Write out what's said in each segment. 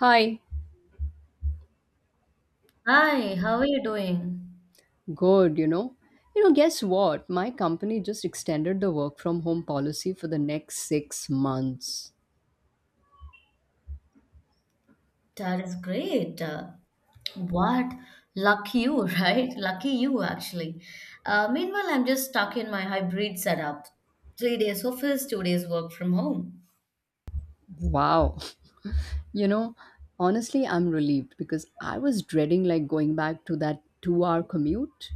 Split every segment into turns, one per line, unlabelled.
Hi,
Hi, how are you doing?
good, You know, guess what? My company just extended the work from home policy for the next 6 months.
That is great. What? Lucky you, right? Lucky you, actually. Meanwhile, I'm just stuck in my hybrid setup. Three days office, two days work from home.
Wow. You know, honestly, I'm relieved because I was dreading like going back to that 2 hour commute.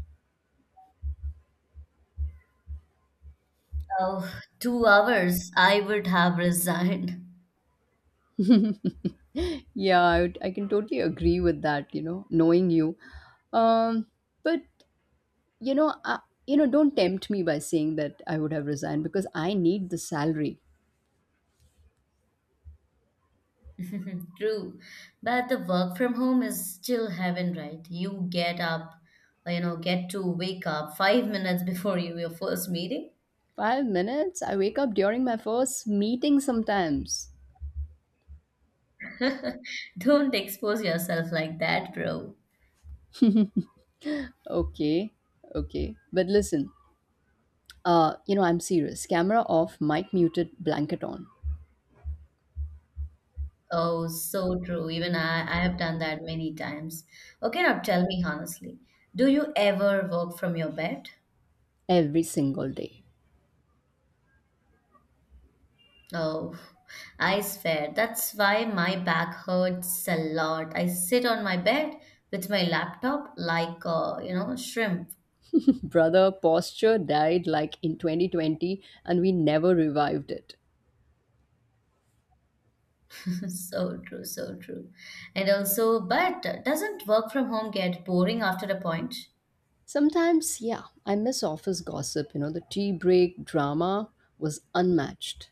Oh, two hours, I would have resigned.
Yeah, I can totally agree with that, you know, knowing you. Um, but, you know, I, you know, Don't tempt me by saying that I would have resigned because I need the salary.
True. But the work from home is still heaven, right? You get up, you know, get to wake up five minutes before your first meeting.
5 minutes? I wake up during my first meeting sometimes.
Don't expose yourself like that, bro.
Okay, okay. But listen, you know, I'm serious. Camera off, mic muted, blanket on.
Oh, so true. Even I have done that many times. Okay, now tell me honestly, do you ever work from your bed?
Every single day.
Oh, I swear, that's why my back hurts a lot. I sit on my bed with my laptop like, shrimp.
Brother, posture died like in 2020 and we never revived it.
So true, so true. And also, but doesn't work from home get boring after a point?
Sometimes, yeah, I miss office gossip. You know, the tea break drama was unmatched.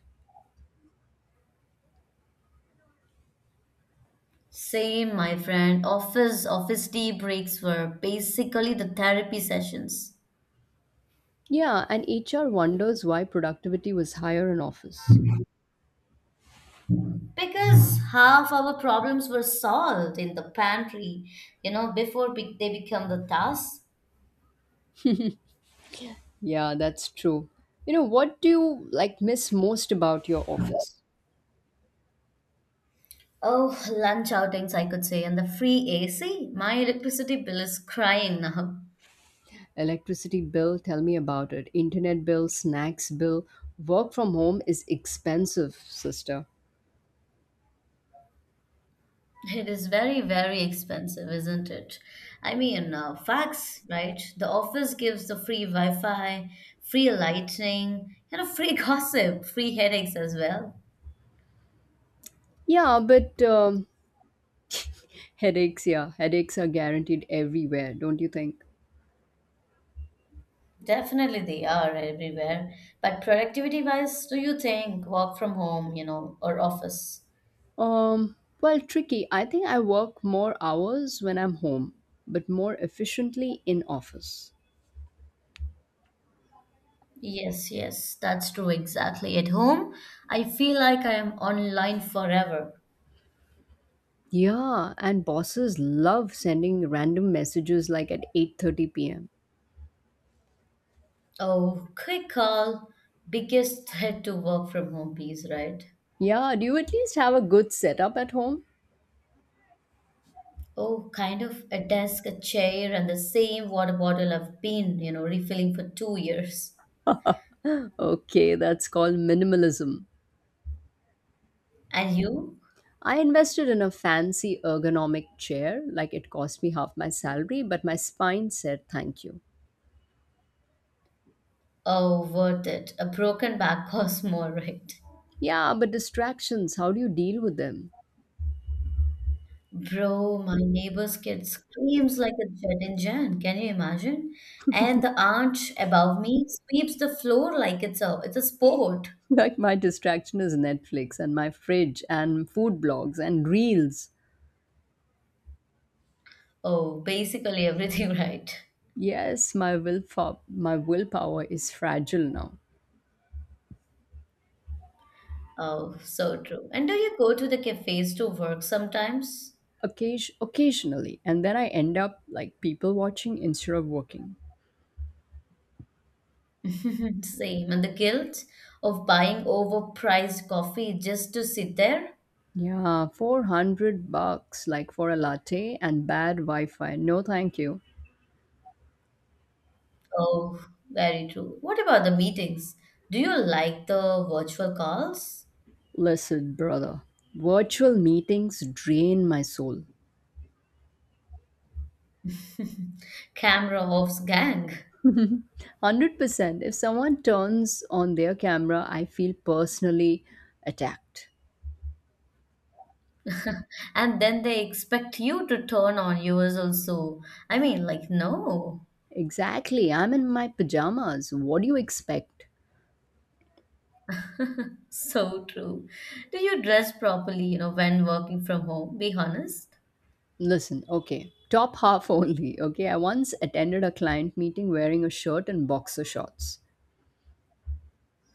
Same, my friend. Office tea breaks were basically the therapy sessions.
Yeah, and HR wonders why productivity was higher in office.
Because half our problems were solved in the pantry, before they become the task.
Yeah, that's true. You know, what do you like miss most about your office?
Oh, lunch outings, I could say, and the free AC. My electricity bill is crying now.
Electricity bill, tell me about it. Internet bill, snacks bill. Work from home is expensive, sister.
It is very, very expensive, isn't it? I mean, facts, right? The office gives the free Wi Fi, free lighting, and a free gossip, free headaches as well.
Yeah, but headaches, yeah, headaches are guaranteed everywhere, don't you think?
Definitely they are everywhere. But productivity wise, do you think work from home, or office?
Tricky. I think I work more hours when I'm home, but more efficiently in office.
Yes, yes, that's true exactly. At home, I feel like I am online forever.
Yeah, and bosses love sending random messages like at 8:30 p.m.
Oh, quick call. Biggest threat to work from home piece, right?
Yeah, do you at least have a good setup at home?
Oh, kind of a desk, a chair, and the same water bottle I've been, refilling for two years.
Okay, that's called minimalism.
And you?
I invested in a fancy ergonomic chair, like it cost me half my salary, but my spine said thank you.
Oh, worth it. A broken back costs more, right?
Yeah, but distractions, how do you deal with them?
Bro, my neighbor's kid screams like a jet engine. Can you imagine? And the aunt above me sweeps the floor like it's a sport.
Like my distraction is Netflix and my fridge and food blogs and reels.
Oh, basically everything, right?
Yes, my willpower is fragile now.
Oh, so true. And do you go to the cafes to work sometimes?
Occasionally, and then I end up like people watching instead of working.
Same. And the guilt of buying overpriced coffee just to sit there?
Yeah, 400 bucks like for a latte and bad Wi Fi. No, thank you.
Oh, very true. What about the meetings? Do you like the virtual calls?
Listen, brother, virtual meetings drain my soul.
Camera offs gang.
100%. If someone turns on their camera, I feel personally attacked.
And then they expect you to turn on yours also. I mean, like, no.
Exactly. I'm in my pajamas. What do you expect?
So true. Do you dress properly, when working from home? Be honest.
Listen, okay, top half only. Okay, I once attended a client meeting wearing a shirt and boxer shorts.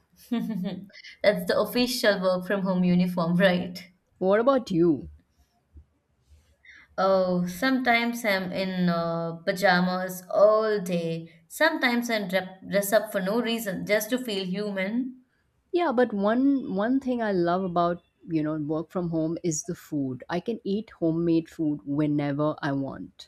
That's the official work from home uniform, right?
What about you?
Oh, sometimes I'm in pajamas all day. Sometimes I dress up for no reason, just to feel human.
Yeah, but one thing I love about, you know, work from home is the food. I can eat homemade food whenever I want.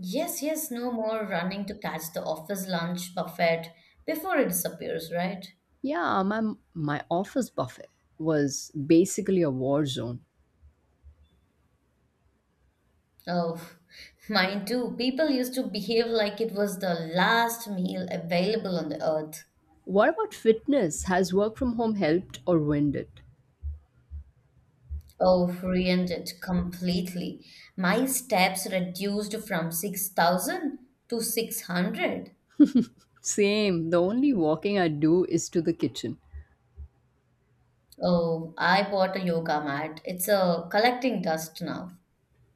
Yes, yes, no more running to catch the office lunch buffet before it disappears, right?
Yeah, my office buffet was basically a war zone.
Oh, mine too. People used to behave like it was the last meal available on the earth.
What about fitness? Has work from home helped or ruined it?
Oh, reended completely. My steps reduced from 6,000 to 600.
Same. The only walking I do is to the kitchen.
Oh, I bought a yoga mat. It's a collecting dust now.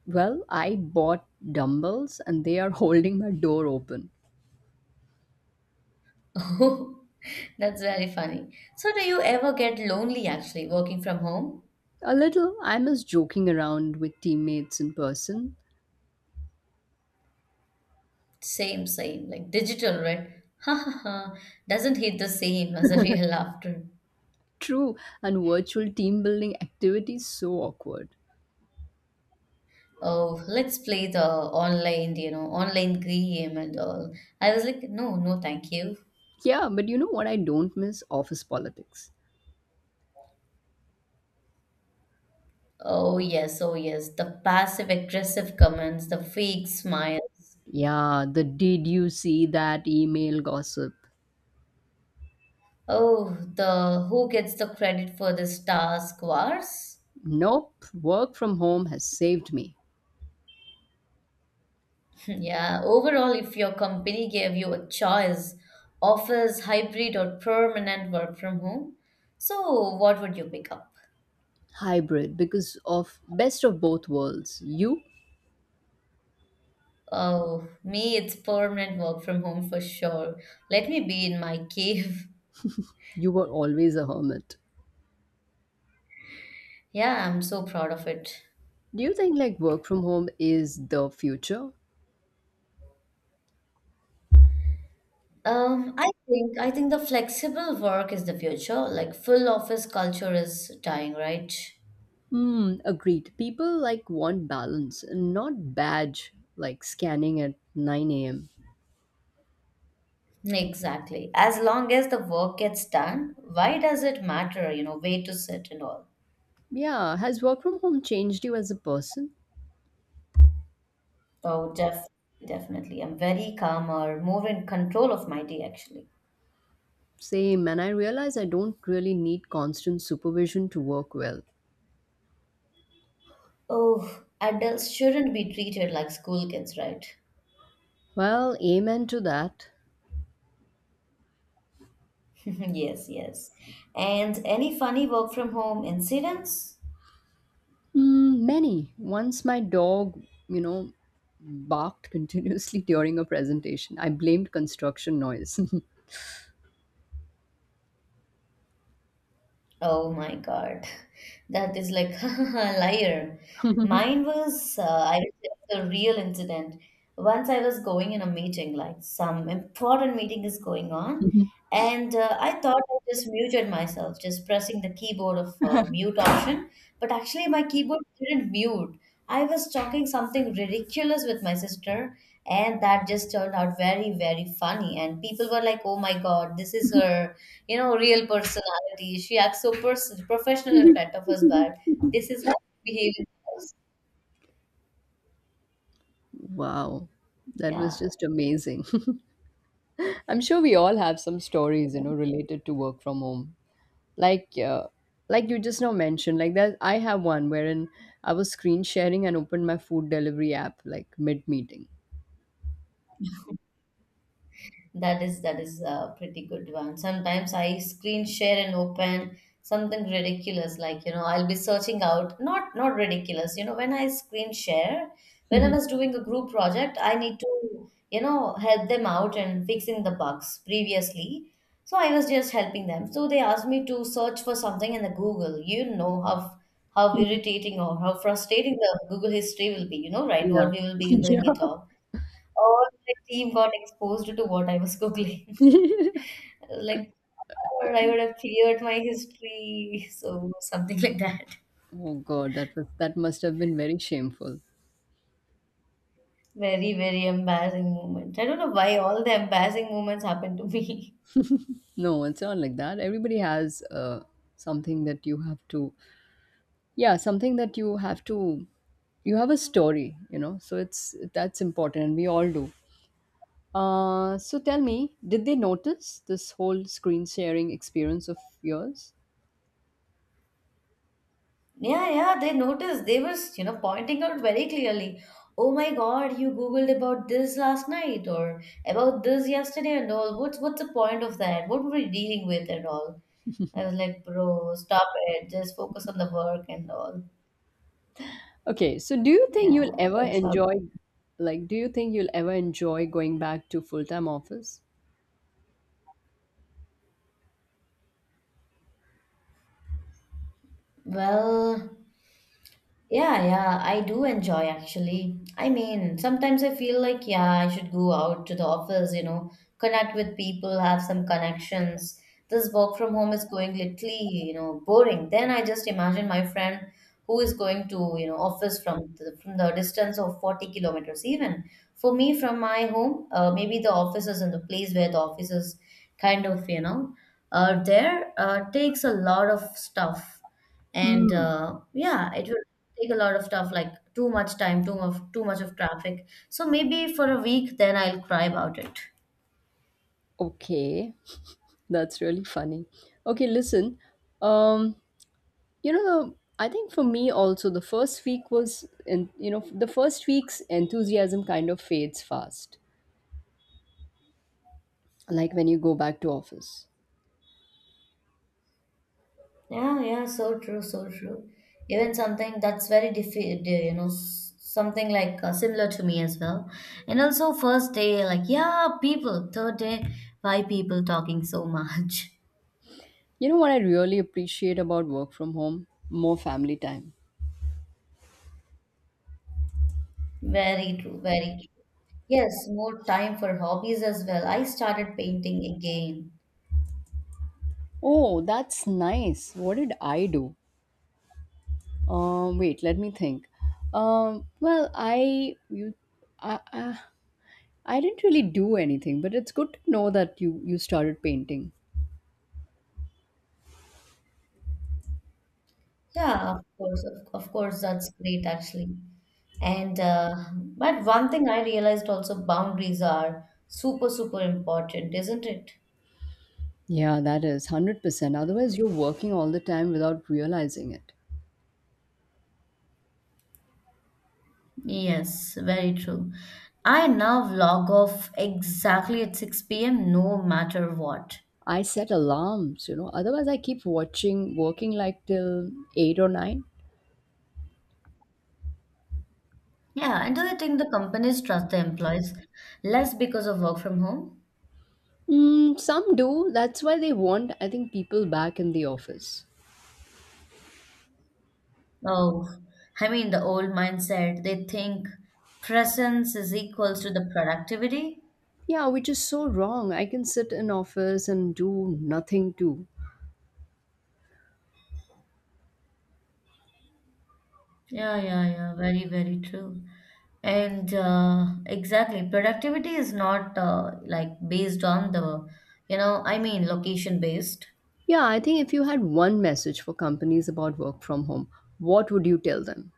Well, I bought dumbbells and they are holding my door open.
Oh, that's very funny. So, do you ever get lonely actually working from home?
A little, I miss joking around with teammates in person.
Same, same, like digital, right? Ha ha ha. Doesn't hit the same as a real laughter.
True, and virtual team building activities so awkward.
Oh, let's play the online online game and all. I was like, no, no, thank you.
Yeah, but you know what I don't miss? Office politics.
Oh yes, oh yes, the passive aggressive comments, the fake smiles.
Yeah, the did you see that email gossip?
Oh, the who gets the credit for this task wars.
Nope, work from home has saved me.
Yeah, overall, if your company gave you a choice, office, hybrid, or permanent work from home, so what would you pick up?
Hybrid because of best of both worlds. You,
Oh, me, it's permanent work from home for sure. Let me be in my cave.
you were always a hermit.
Yeah, I'm so proud of it.
Do you think like work from home is the future?
I think the flexible work is the future. Like full office culture is dying, right?
Hmm, agreed. People like want balance, not badge like scanning at 9 a.m.
Exactly. As long as the work gets done, why does it matter, way to sit and all?
Yeah, has work from home changed you as a person?
Oh, definitely. I'm very calmer, more in control of my day actually.
Same, and I realize I don't really need constant supervision to work well.
Oh, adults shouldn't be treated like school kids, right?
Well, amen to that.
Yes, yes. And any funny work from home incidents?
Mm, many. Once my dog, you know, barked continuously during a presentation. I blamed construction noise.
Oh my God, that is like liar. Mine was, I would say, the real incident. Once I was going in a meeting, like some important meeting is going on, and I thought I just muted myself, just pressing the keyboard of mute option, but actually my keyboard didn't mute. I was talking something ridiculous with my sister, and that just turned out very very funny, and people were like, oh my god, this is her, real personality. She acts so professional in front of us, but this is how she behaves.
Wow, that was just amazing. I'm sure we all have some stories, you
Yeah,
know, related to work from home. Like like you just now mentioned, like that I have one wherein I was screen sharing and opened my food delivery app like mid meeting.
that is that is a pretty good one. Sometimes I screen share and open something ridiculous, like, I'll be searching out, not ridiculous, when I screen share, when I was doing a group project, I need to, help them out and fixing the bugs previously. So I was just helping them, so they asked me to search for something in the Google. How irritating or how frustrating the Google history will be, right,
Yeah.
what we will be googling it
Yeah.
all. All my team got exposed to what I was googling.
Oh
Like, or I would have cleared my history. So, something like that.
god, that was, that must have been very shameful.
Very, very embarrassing moment. I don't know why all the embarrassing moments happened to me.
No, it's not like that. Everybody has something that you have to, yeah, something that you have to, you have a story, you know, so it's that's important and we all do. Uh, so tell me, did they notice this whole screen sharing experience of yours?
Yeah, yeah, they noticed. They were, pointing out very clearly. Oh my God, you Googled about this last night or about this yesterday and all. What's the point of that? What were we dealing with and all? I was like, bro, stop it. Just focus on the work and all.
Okay, so do you think you'll
Yeah,
ever
that's how.
enjoy, Like, do you think you'll ever enjoy going back to full time office?
Well, yeah, yeah, I do enjoy actually. I mean, sometimes I feel like, yeah, I should go out to the office, connect with people, have some connections. This work from home is going literally, boring. Then I just imagine my friend who is going to, office from the distance of 40 kilometers even. For me, from my home, maybe the office is in the place where the office is kind of, there takes a lot of stuff, and
Hmm.
yeah, it will take a lot of stuff, like too much time, too much of traffic. So maybe for a week, then I'll cry about it.
Okay, that's really funny. Okay, listen, um, you know, I think for me also the first week was, and you know, the first week's enthusiasm kind of fades fast. Like when you go back to office.
Yeah, yeah, so true, so true. Even something that's very something like similar to me as well. And also first day like yeah people, third day, why people talking so much.
You know what I really appreciate about work from home? More family time.
Very true, very true. Yes, more time for hobbies as well. I started painting again.
Oh, that's nice. What did I do? Wait, let me think. Well, I you, I, I, I didn't really do anything, but it's good to know that you started painting.
Yeah, of course, of course, that's great actually. And but one thing I realized, also boundaries are super, super important, isn't it?
Yeah, that is 100%. Otherwise, you're working all the time without realizing it.
Yes, very true. I now log off exactly at 6 p.m., no matter what.
I set alarms, you know. Otherwise, I keep watching, working like till eight or nine.
Yeah, and do you think the companies trust the employees less because of work from home?
Mm, some do. That's why they want, I think, people back in the office.
Oh, I mean, the old mindset, they think presence is equals to the productivity.
Yeah, which is so wrong. I can sit in office and do nothing too.
Yeah, yeah, yeah, very, very true. And exactly, productivity is not like based on the, I mean, location based.
Yeah, I think if you had one message for companies about work from home, what would you tell them?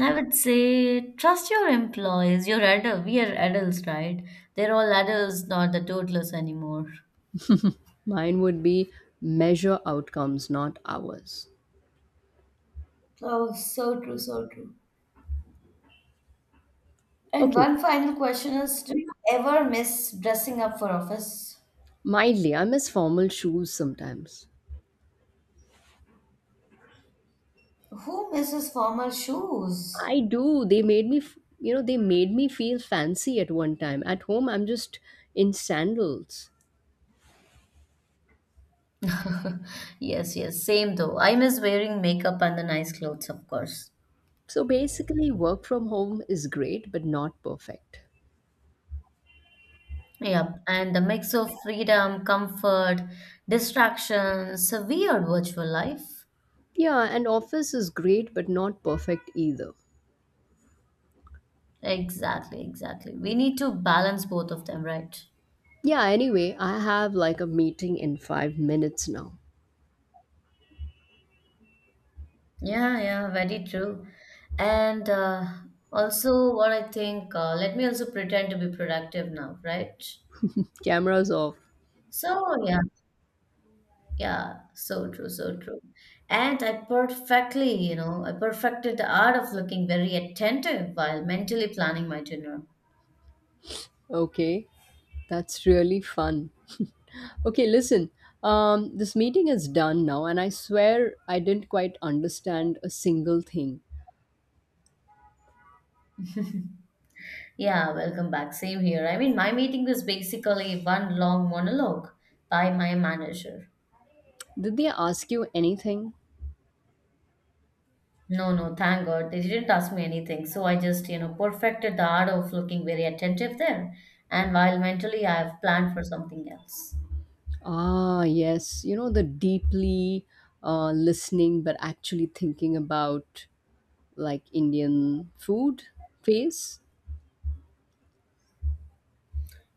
I would say trust your employees. You're adult. We are adults, right? They're all adults, not the toddlers anymore.
Mine would be measure outcomes, not hours.
Oh, so true, so true. And
Okay,
one final question is, do you ever miss dressing up for office?
mildly, I miss formal shoes sometimes.
Who misses formal shoes?
I do. They made me, you know, they made me feel fancy at one time. At home, I'm just in sandals.
Yes, yes, same though. I miss wearing makeup and the nice clothes, of course.
So basically, work from home is great, but not perfect.
Yep, and the mix of freedom, comfort, distractions, a weird virtual life.
Yeah, and office is great, but not perfect either.
Exactly, exactly. We need to balance both of them, right?
Yeah, anyway, I have like a meeting in 5 minutes now.
Yeah, yeah, very true. And also, what I think, let me also pretend to be productive now, right?
Cameras off.
So, yeah. Yeah, so true, so true. And I perfectly, I perfected the art of looking very attentive while mentally planning my dinner.
Okay, that's really fun. Okay, listen. This meeting is done now, and I swear I didn't quite understand a single thing.
Yeah, welcome back. Same here. I mean, my meeting was basically one long monologue by my manager.
Did they ask you anything?
No, no, thank God. They didn't ask me anything. So I just, perfected the art of looking very attentive there. And while mentally, I have planned for something else.
Ah, yes. You know, the deeply listening but actually thinking about like Indian food face.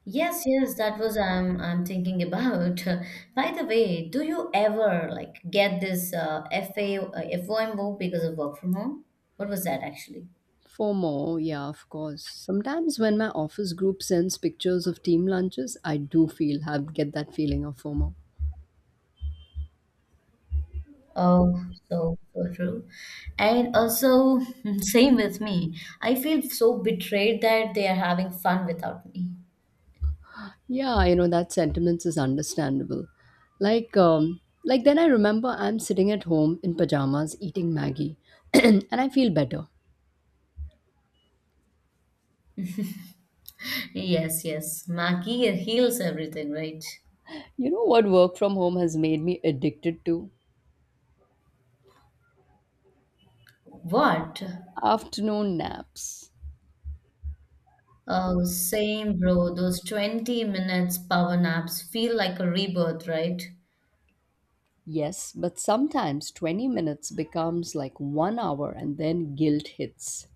Yes, yes, that was I'm thinking about. By the way, do you ever like get this FA FOMO because of work from home? What was that actually?
For more, yeah, of course. Sometimes when my office group sends pictures of team lunches, I do feel have get that feeling of FOMO.
Oh, so so true. And also, same with me. I feel so betrayed that they are having fun without me.
Yeah, you know that sentiment is understandable. Like then I remember I'm sitting at home in pajamas eating Maggie, and I feel better.
Yes, yes. Maggie heals everything, right?
You know what work from home has made me addicted to?
What?
Afternoon naps.
Oh, same, bro. Those 20 minutes power naps feel like a rebirth, right?
Yes, but sometimes 20 minutes becomes like 1 hour, and then guilt hits.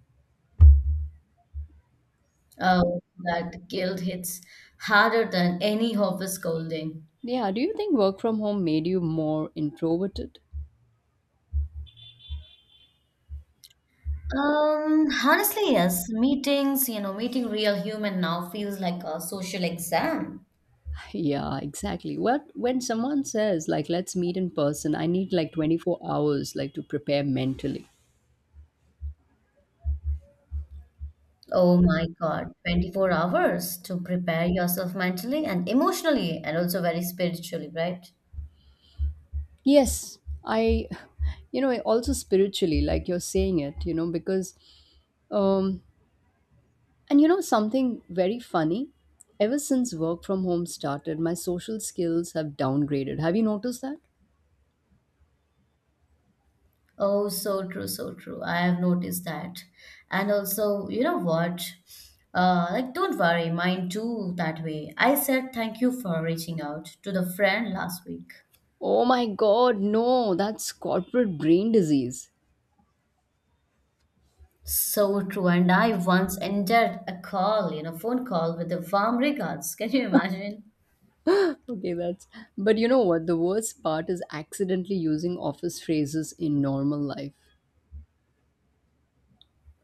Oh, that guilt hits harder than any office scolding.
Yeah, do you think work from home made you more introverted?
Honestly, yes. Meetings, meeting real human now feels like a social exam.
Yeah, exactly. What when someone says like let's meet in person, I need like 24 hours like to prepare mentally.
Oh my God, 24 hours to prepare yourself mentally and emotionally and also very spiritually, right?
Yes, I you know, also spiritually like you're saying it, you know, because um and you know something very funny, ever since work from home started, my social skills have downgraded. Have you noticed that?
Oh, so true, so true. I have noticed that. And also, you know what? Don't worry, mine too that way. I said thank you for reaching out to the friend last week.
Oh my god, no, that's corporate brain disease.
So true. And I once ended a call, you know, phone call with the warm regards. Can you imagine?
Okay, that's. But you know what? The worst part is accidentally using office phrases in normal life.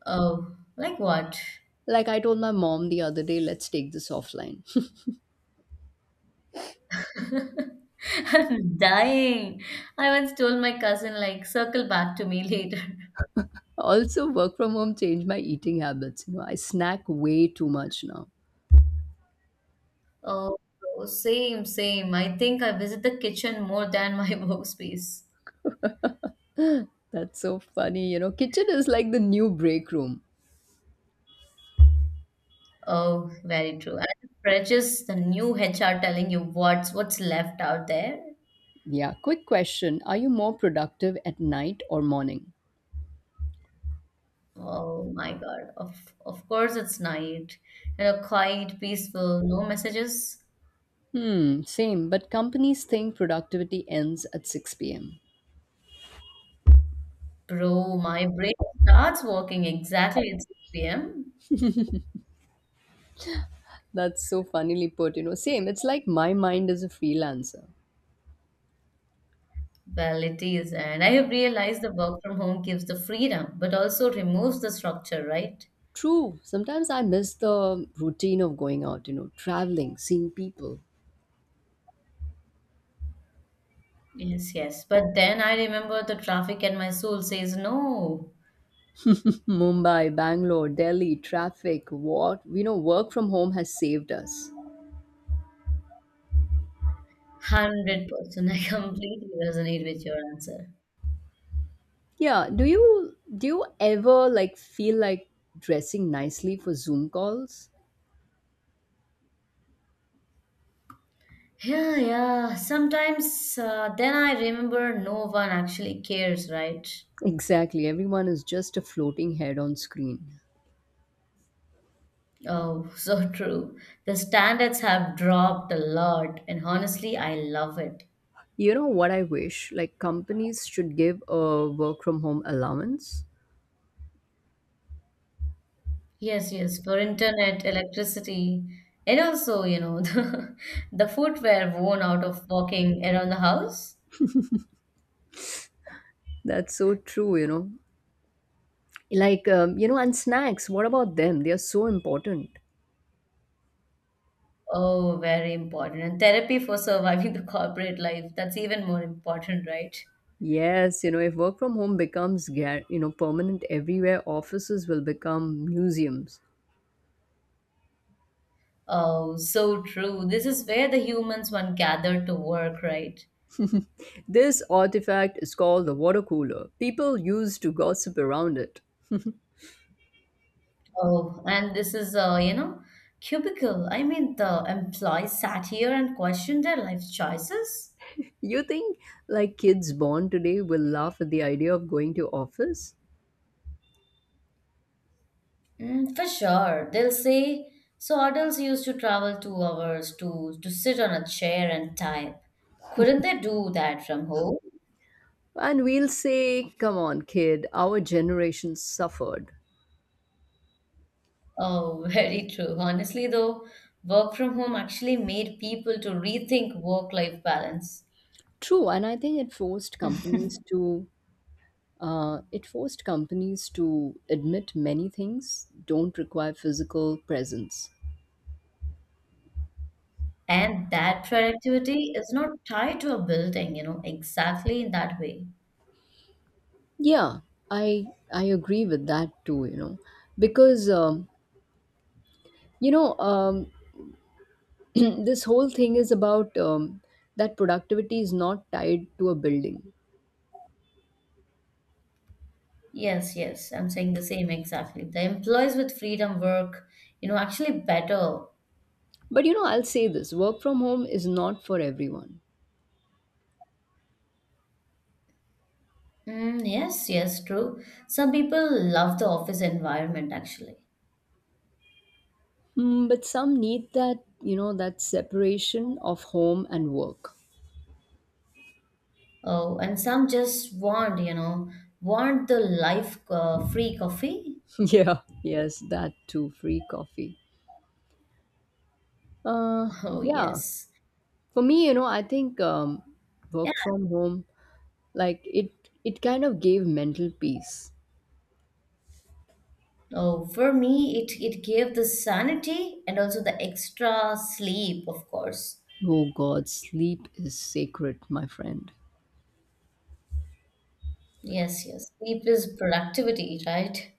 Oh, like what?
Like I told my mom the other day, let's take this offline.
I'm dying. I once told my cousin, like, circle back to me later.
Also, work from home changed my eating habits. You know, I snack way too much now.
Oh, oh, same. I think I visit the kitchen more than my workspace.
That's so funny. You know, kitchen is like the new break room.
Oh, very true. And the fridges, the new HR telling you what's left out there.
Yeah, quick question. Are you more productive at night or morning?
Oh my God. Of course it's night. You know, quiet, peaceful, no messages.
Hmm, same, but companies think productivity ends at 6 p.m.
Bro, my brain starts working exactly at 6 p.m.
That's so funnily put, you know. Same, it's like my mind is a freelancer.
Well, it is, and I have realized the work from home gives the freedom, but also removes the structure, right?
True. Sometimes I miss the routine of going out, you know, traveling, seeing people.
Yes, yes. But then I remember the traffic and my soul says no.
Mumbai, Bangalore, Delhi, traffic, what, you know, work from home has saved us.
100%. I completely resonate with your answer.
Yeah, do you ever like feel like dressing nicely for Zoom calls?
Yeah, yeah. Sometimes then I remember no one actually cares, right?
Exactly. Everyone is just a floating head on screen.
Oh, so true. The standards have dropped a lot, and honestly, I love it.
You know what I wish? Like companies should give a work from home allowance.
Yes, yes, for internet, electricity, and also, you know, the footwear worn out of walking around the house.
That's so true, you know. Like you know, and snacks, what about them, they are so important.
Oh, very important. And therapy for surviving the corporate life, that's even more important, right?
Yes, you know, if work from home becomes you know permanent everywhere, offices will become museums.
Oh, so true. This is where the humans one gathered to work, right?
This artifact is called the water cooler, people used to gossip around it.
Oh, and this is, cubicle. I mean, the employees sat here and questioned their life choices.
You think like kids born today will laugh at the idea of going to office?
Mm, for sure. They'll say, so adults used to travel 2 hours to sit on a chair and type. Couldn't they do that from home?
And we'll say come on kid, our generation suffered.
Oh, very true. Honestly, though, work from home actually made people to rethink work-life balance.
True, and I think it forced companies to, it forced companies to admit many things don't require physical presence.
And that productivity is not tied to a building, you know, exactly in that way.
Yeah, I agree with that too. You know, because um, you know um, this whole thing is about that productivity is not tied to a building.
Yes, yes, I'm saying the same exactly. The employees with freedom work, you know, actually better.
But you know, I'll say this: work from home is not for everyone.
Mm, yes, yes, true. Some people love the office environment actually.
Hmm, but some need that you know that separation of home and work.
Oh, and some just want, you know, want the life free coffee.
Yeah. Yes, that too. Free coffee. Uh,
Oh,
yeah.
yes.
For me, you know, I think work
Yeah.
from home, like it kind of gave mental peace.
Oh, for me, it gave the sanity and also the extra sleep, of course.
Oh god, sleep is sacred, my friend.
Yes, yes. Sleep is productivity, right?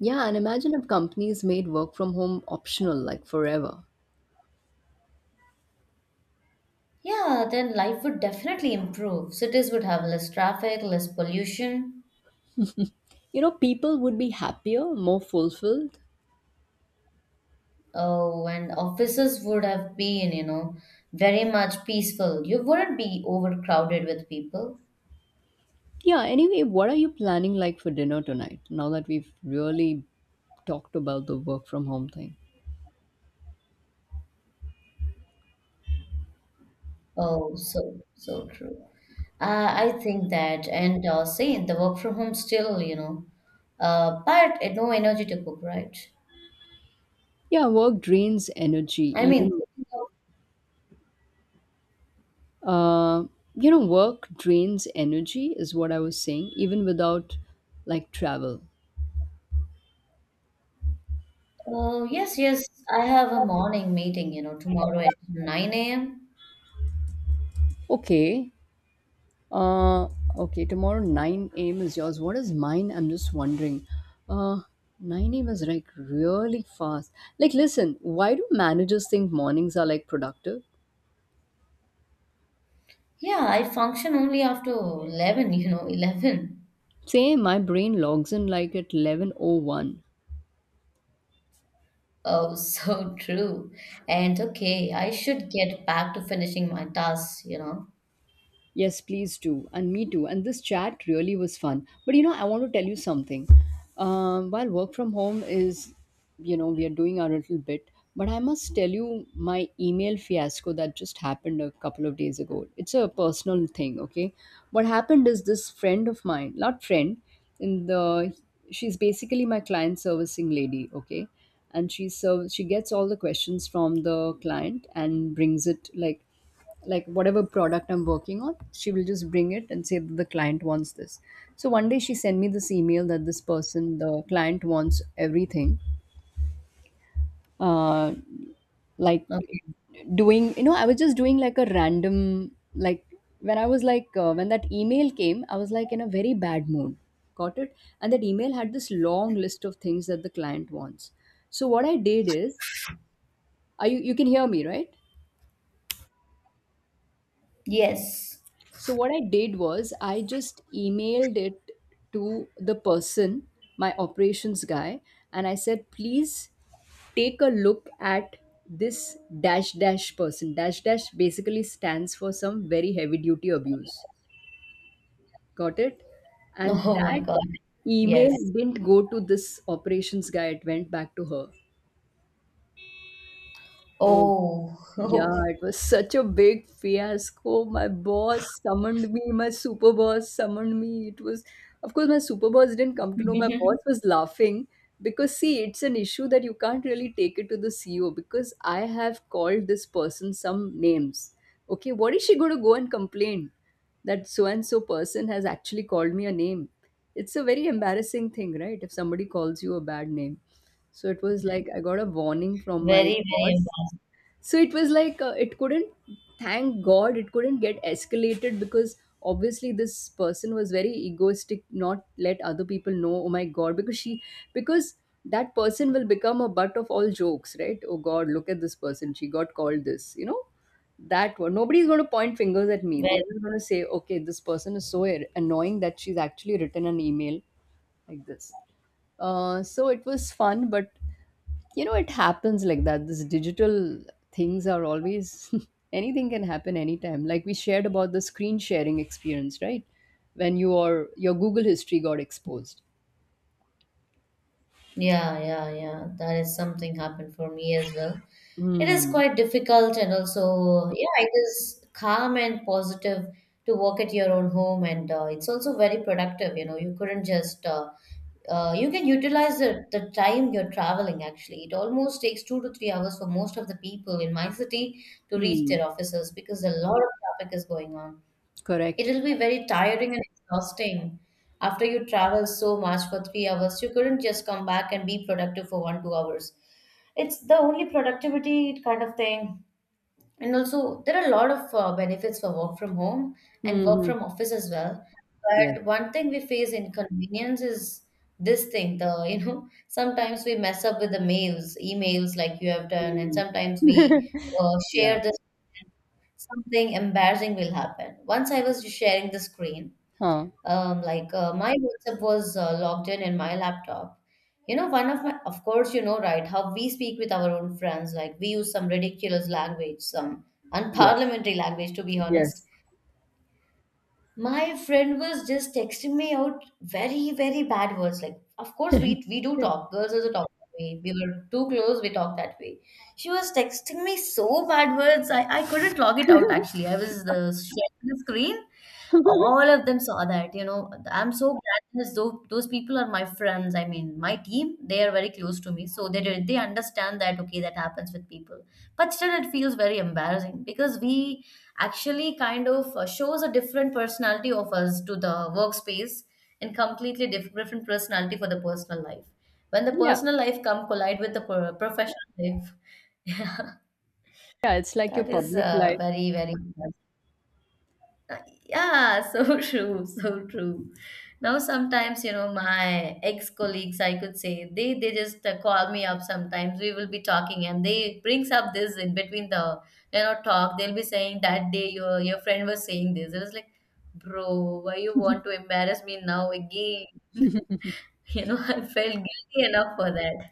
Yeah, and imagine if companies made work from home optional, like forever.
Yeah, then life would definitely improve. Cities would have less traffic, less pollution.
You know, people would be happier, more fulfilled.
Oh, and offices would have been, you know, very much peaceful. You wouldn't be overcrowded with people.
Yeah, anyway, what are you planning like for dinner tonight now that we've really talked about the work from home thing?
Oh, so, so true. I think that, and same, the work from home still, you know, but it, no energy to cook, right?
Yeah, work drains energy
I mean,
even Uh, you know, work drains energy, is what I was saying, even without like travel.
oh, yes, yes. I have a morning meeting, you know, tomorrow at 9 a.m.
Okay. Uh, okay. Tomorrow 9 a.m. is yours. What is mine? I'm just wondering. Uh, 9 a.m. is like really fast. Like, listen, why do managers think mornings are like productive?
Yeah, I function only after 11, you know, 11.
Say my brain logs in like at 11:01.
Oh, so true. And okay, I should get back to finishing my tasks, you know.
Yes, please do. And me too. And this chat really was fun. But you know, I want to tell you something. While work from home is, we are doing our little bit, but I must tell you my email fiasco that just happened a couple of days ago. It's a personal thing, okay? What happened is this friend of mine, not friend, in the, she's basically my client servicing lady, okay? And she gets all the questions from the client and brings it, like whatever product I'm working on, she will just bring it and say that the client wants this. So one day she sent me this email that this person, the client, wants everything. Uh, like
Okay.
doing, I was just doing like a random, like when I was like, when that email came, I was like in a very bad mood. Got it? And that email had this long list of things that the client wants. So what I did is, are you, you can hear me, right?
Yes.
So what I did was I just emailed it to the person, my operations guy, and I said, please take a look at this dash dash person. Dash dash basically stands for some very heavy duty abuse. Got it? And
Oh my
that
God.
email
Yes.
didn't go to this operations guy, it went back to her. Oh.
Oh,
Yeah, it was such a big fiasco. My boss summoned me, my super boss summoned me. It was, of course, my super boss didn't come to know. My
very,
boss was laughing because, see, it's an issue that you can't really take it to the CEO because I have called this person some names. Okay, what is she going to go and complain that so and so person has actually called me a name? It's a very embarrassing thing, right? If somebody calls you a bad name. So it was like I got a warning from my
very
boss, so it was like, it couldn't, thank god it couldn't get escalated because obviously this person was very egoistic, not let other people know, oh my god, because she because that person will become a butt of all jokes, right? Oh god, look at this person, she got called this, you know, that one. Nobody's going to point fingers at me, they're
embarrassing.
just going to say, okay, this person is so annoying that she's actually written an email like this. So it was fun, but you know, it happens like that. This digital things are always anything can happen anytime. Like we shared about the screen sharing experience, right? When your Google history got exposed.
Yeah, yeah, yeah. That is something happened for me as well. It is
Hmm.
quite difficult and also, yeah, it is calm and positive to work at your own home and it's also very productive. You know, you couldn't just, you can utilize the time you're traveling actually. It almost takes 2 to 3 hours for most of the people in my city to reach
Hmm.
their offices because a lot of traffic is going on. It
Correct.
will be very tiring and exhausting. After you travel so much for 3 hours, you couldn't just come back and be productive for one, 2 hours. It's the only productivity kind of thing and also, there are a lot of benefits for work from home and work
Hmm.
from office as well.
Yes.
But one thing we face inconvenience is this thing, the, you know, sometimes we mess up with the mails, emails like you have done, and
Hmm.
sometimes we
Yeah.
share this, something embarrassing will happen. Once I was sharing the screen,
Huh.
my WhatsApp was logged in my laptop. You know, one of my, of course, you know, right, how we speak with our own friends, like we use some ridiculous language, some
Yes.
unparliamentary language, to be honest.
Yes.
My friend was just texting me out very, very bad words. Like, of course, we do talk. Girls also talk that way. We were too close, we talk that way. She was texting me so bad words. I couldn't log it out actually. I was sharing the screen, all of them saw that, you know. I'm so glad because those people are my friends. I mean, my team, they are very close to me. So they they understand that, okay, that happens with people. But still, it feels very embarrassing because we actually kind of shows a different personality of us to the workspace and completely different personality for the personal life. When the
Yeah.
personal life come collide with the professional life, yeah,
Yeah. It's like your
that is
public life.
very, very. Uh, yeah, so true, so true. Now sometimes, you know, my ex-colleagues, I could say, they just call me up sometimes. We will be talking and they brings up this in between the, you know, talk. They'll be saying that day your friend was saying this. It was like, bro, why you want to embarrass me now again? You know, I felt guilty enough for that.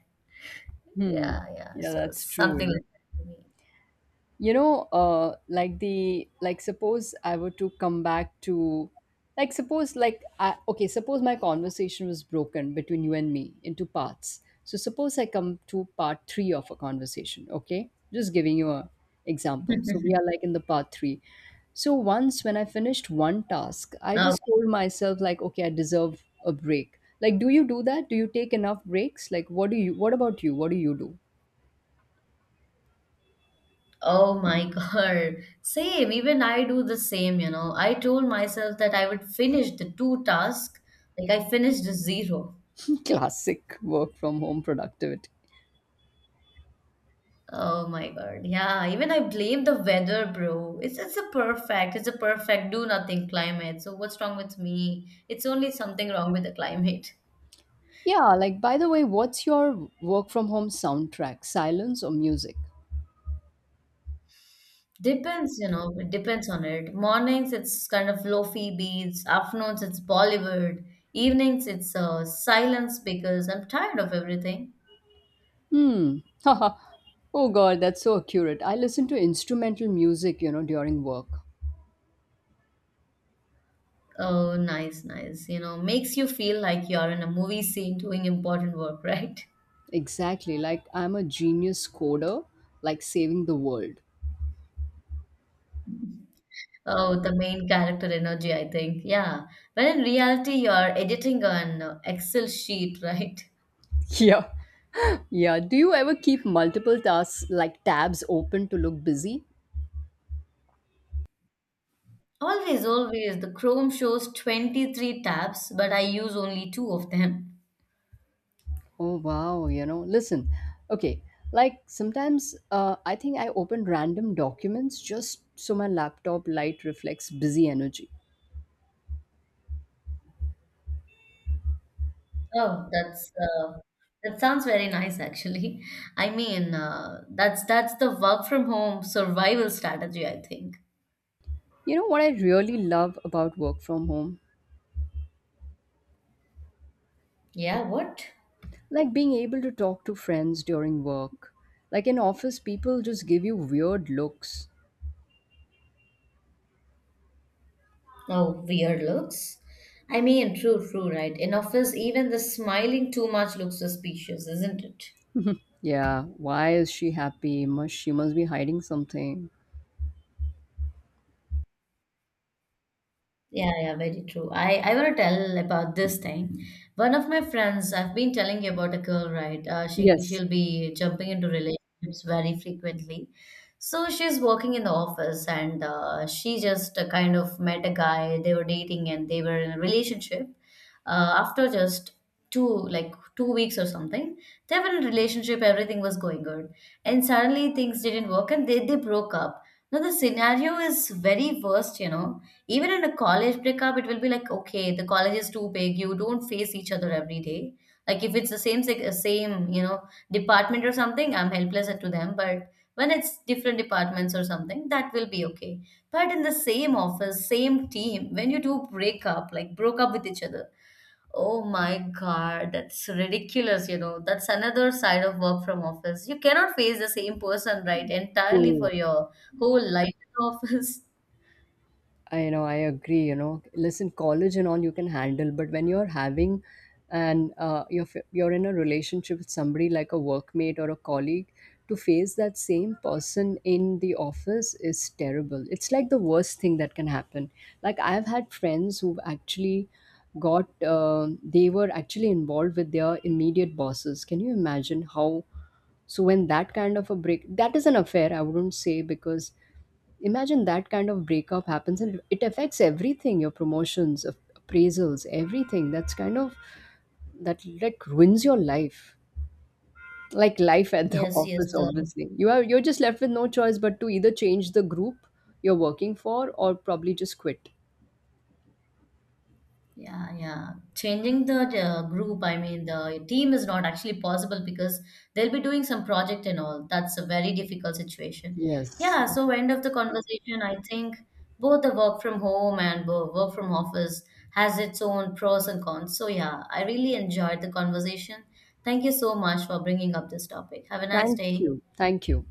Hmm.
Yeah, yeah.
Yeah,
So
that's true. You
something like
know.
that to me.
You know like the like Suppose I were to come back to, suppose, okay, suppose my conversation was broken between you and me into parts, so suppose I come to part 3 of a conversation, okay, just giving you a example. So we are like in the part 3. So once when I finished one task, I
Now
just told myself, like, okay, I deserve a break. Like, do you do that? Do you take enough breaks? Like, what do you, what about you, what do you do?
oh my God. Same. Even I do the same, you know. I told myself that I would finish the two tasks. Like I finished the zero.
Classic work from home productivity.
Oh my God. Yeah. Even I blame the weather, bro. It's a perfect, it's a perfect do nothing climate. So what's wrong with me? It's only something wrong with the climate.
Yeah, like by the way, what's your work from home soundtrack? Silence or music?
Depends, you know, it depends on it. Mornings it's kind of lofi beats, afternoons it's Bollywood, evenings it's silence because I'm tired of everything.
Hmm. Haha. Oh god, that's so accurate. I listen to instrumental music, you know, during work.
Oh, nice, nice. You know, makes you feel like you're in a movie scene doing important work, right?
Exactly. Like I'm a genius coder, like saving the world.
Oh, the main character energy, I think. Yeah. But in reality, you're editing an Excel sheet, right?
Yeah. Yeah. Do you ever keep multiple tasks, like tabs open to look busy?
Always, always. The Chrome shows 23 tabs, but I use only two of them.
Oh wow, you know, listen. Okay, like sometimes I think I open random documents just so my laptop light reflects busy energy.
Oh, that's that sounds very nice, actually. I mean, that's the work from home survival strategy, I think.
You know what I really love about work from home?
Yeah, what?
Like being able to talk to friends during work. Like in office, people just give you weird looks.
Oh, weird looks. I mean, true, true, right? In office, even the smiling too much looks suspicious, isn't it?
Yeah, why is she happy? Must she must be hiding something.
Yeah, yeah, very true. I want to tell about this thing. One of my friends, I've been telling you about a girl, right? She
Yes,
she'll be jumping into relationships very frequently. So she's working in the office, and she just kind of met a guy. They were dating, and they were in a relationship. After just 2 weeks or something, they were in a relationship. Everything was going good, and suddenly things didn't work, and they broke up. Now the scenario is very worst, you know, even in a college breakup, it will be like, okay, the college is too big. You don't face each other every day. Like if it's the same, you know, department or something, I'm helpless to them. But when it's different departments or something, that will be okay. But in the same office, same team, when you do break up, like broke up with each other, oh my God, that's ridiculous. You know, that's another side of work from office. You cannot face the same person, right, entirely
true.
for your whole life in office.
I know, I agree. You know, listen, college and all you can handle, but when you're having and you're in a relationship with somebody like a workmate or a colleague, to face that same person in the office is terrible. It's like the worst thing that can happen. Like I've had friends who've actually got they were actually involved with their immediate bosses. Can you imagine how? So when that kind of a break, that is an affair. I wouldn't say because imagine that kind of breakup happens and it affects everything, your promotions, appraisals, everything. That's kind of that, like ruins your life. Like life at the
Yes, yes,
office,
sir.
obviously. You're just left with no choice but to either change the group you're working for or probably just quit.
Yeah, yeah. Changing the group, I mean, the team is not actually possible because they'll be doing some project and all. That's a very difficult situation.
Yes.
Yeah, so end of the conversation, I think both the work from home and work from office has its own pros and cons. So yeah, I really enjoyed the conversation. Thank you so much for bringing up this topic. Have a nice
Thank
day.
you. Thank you.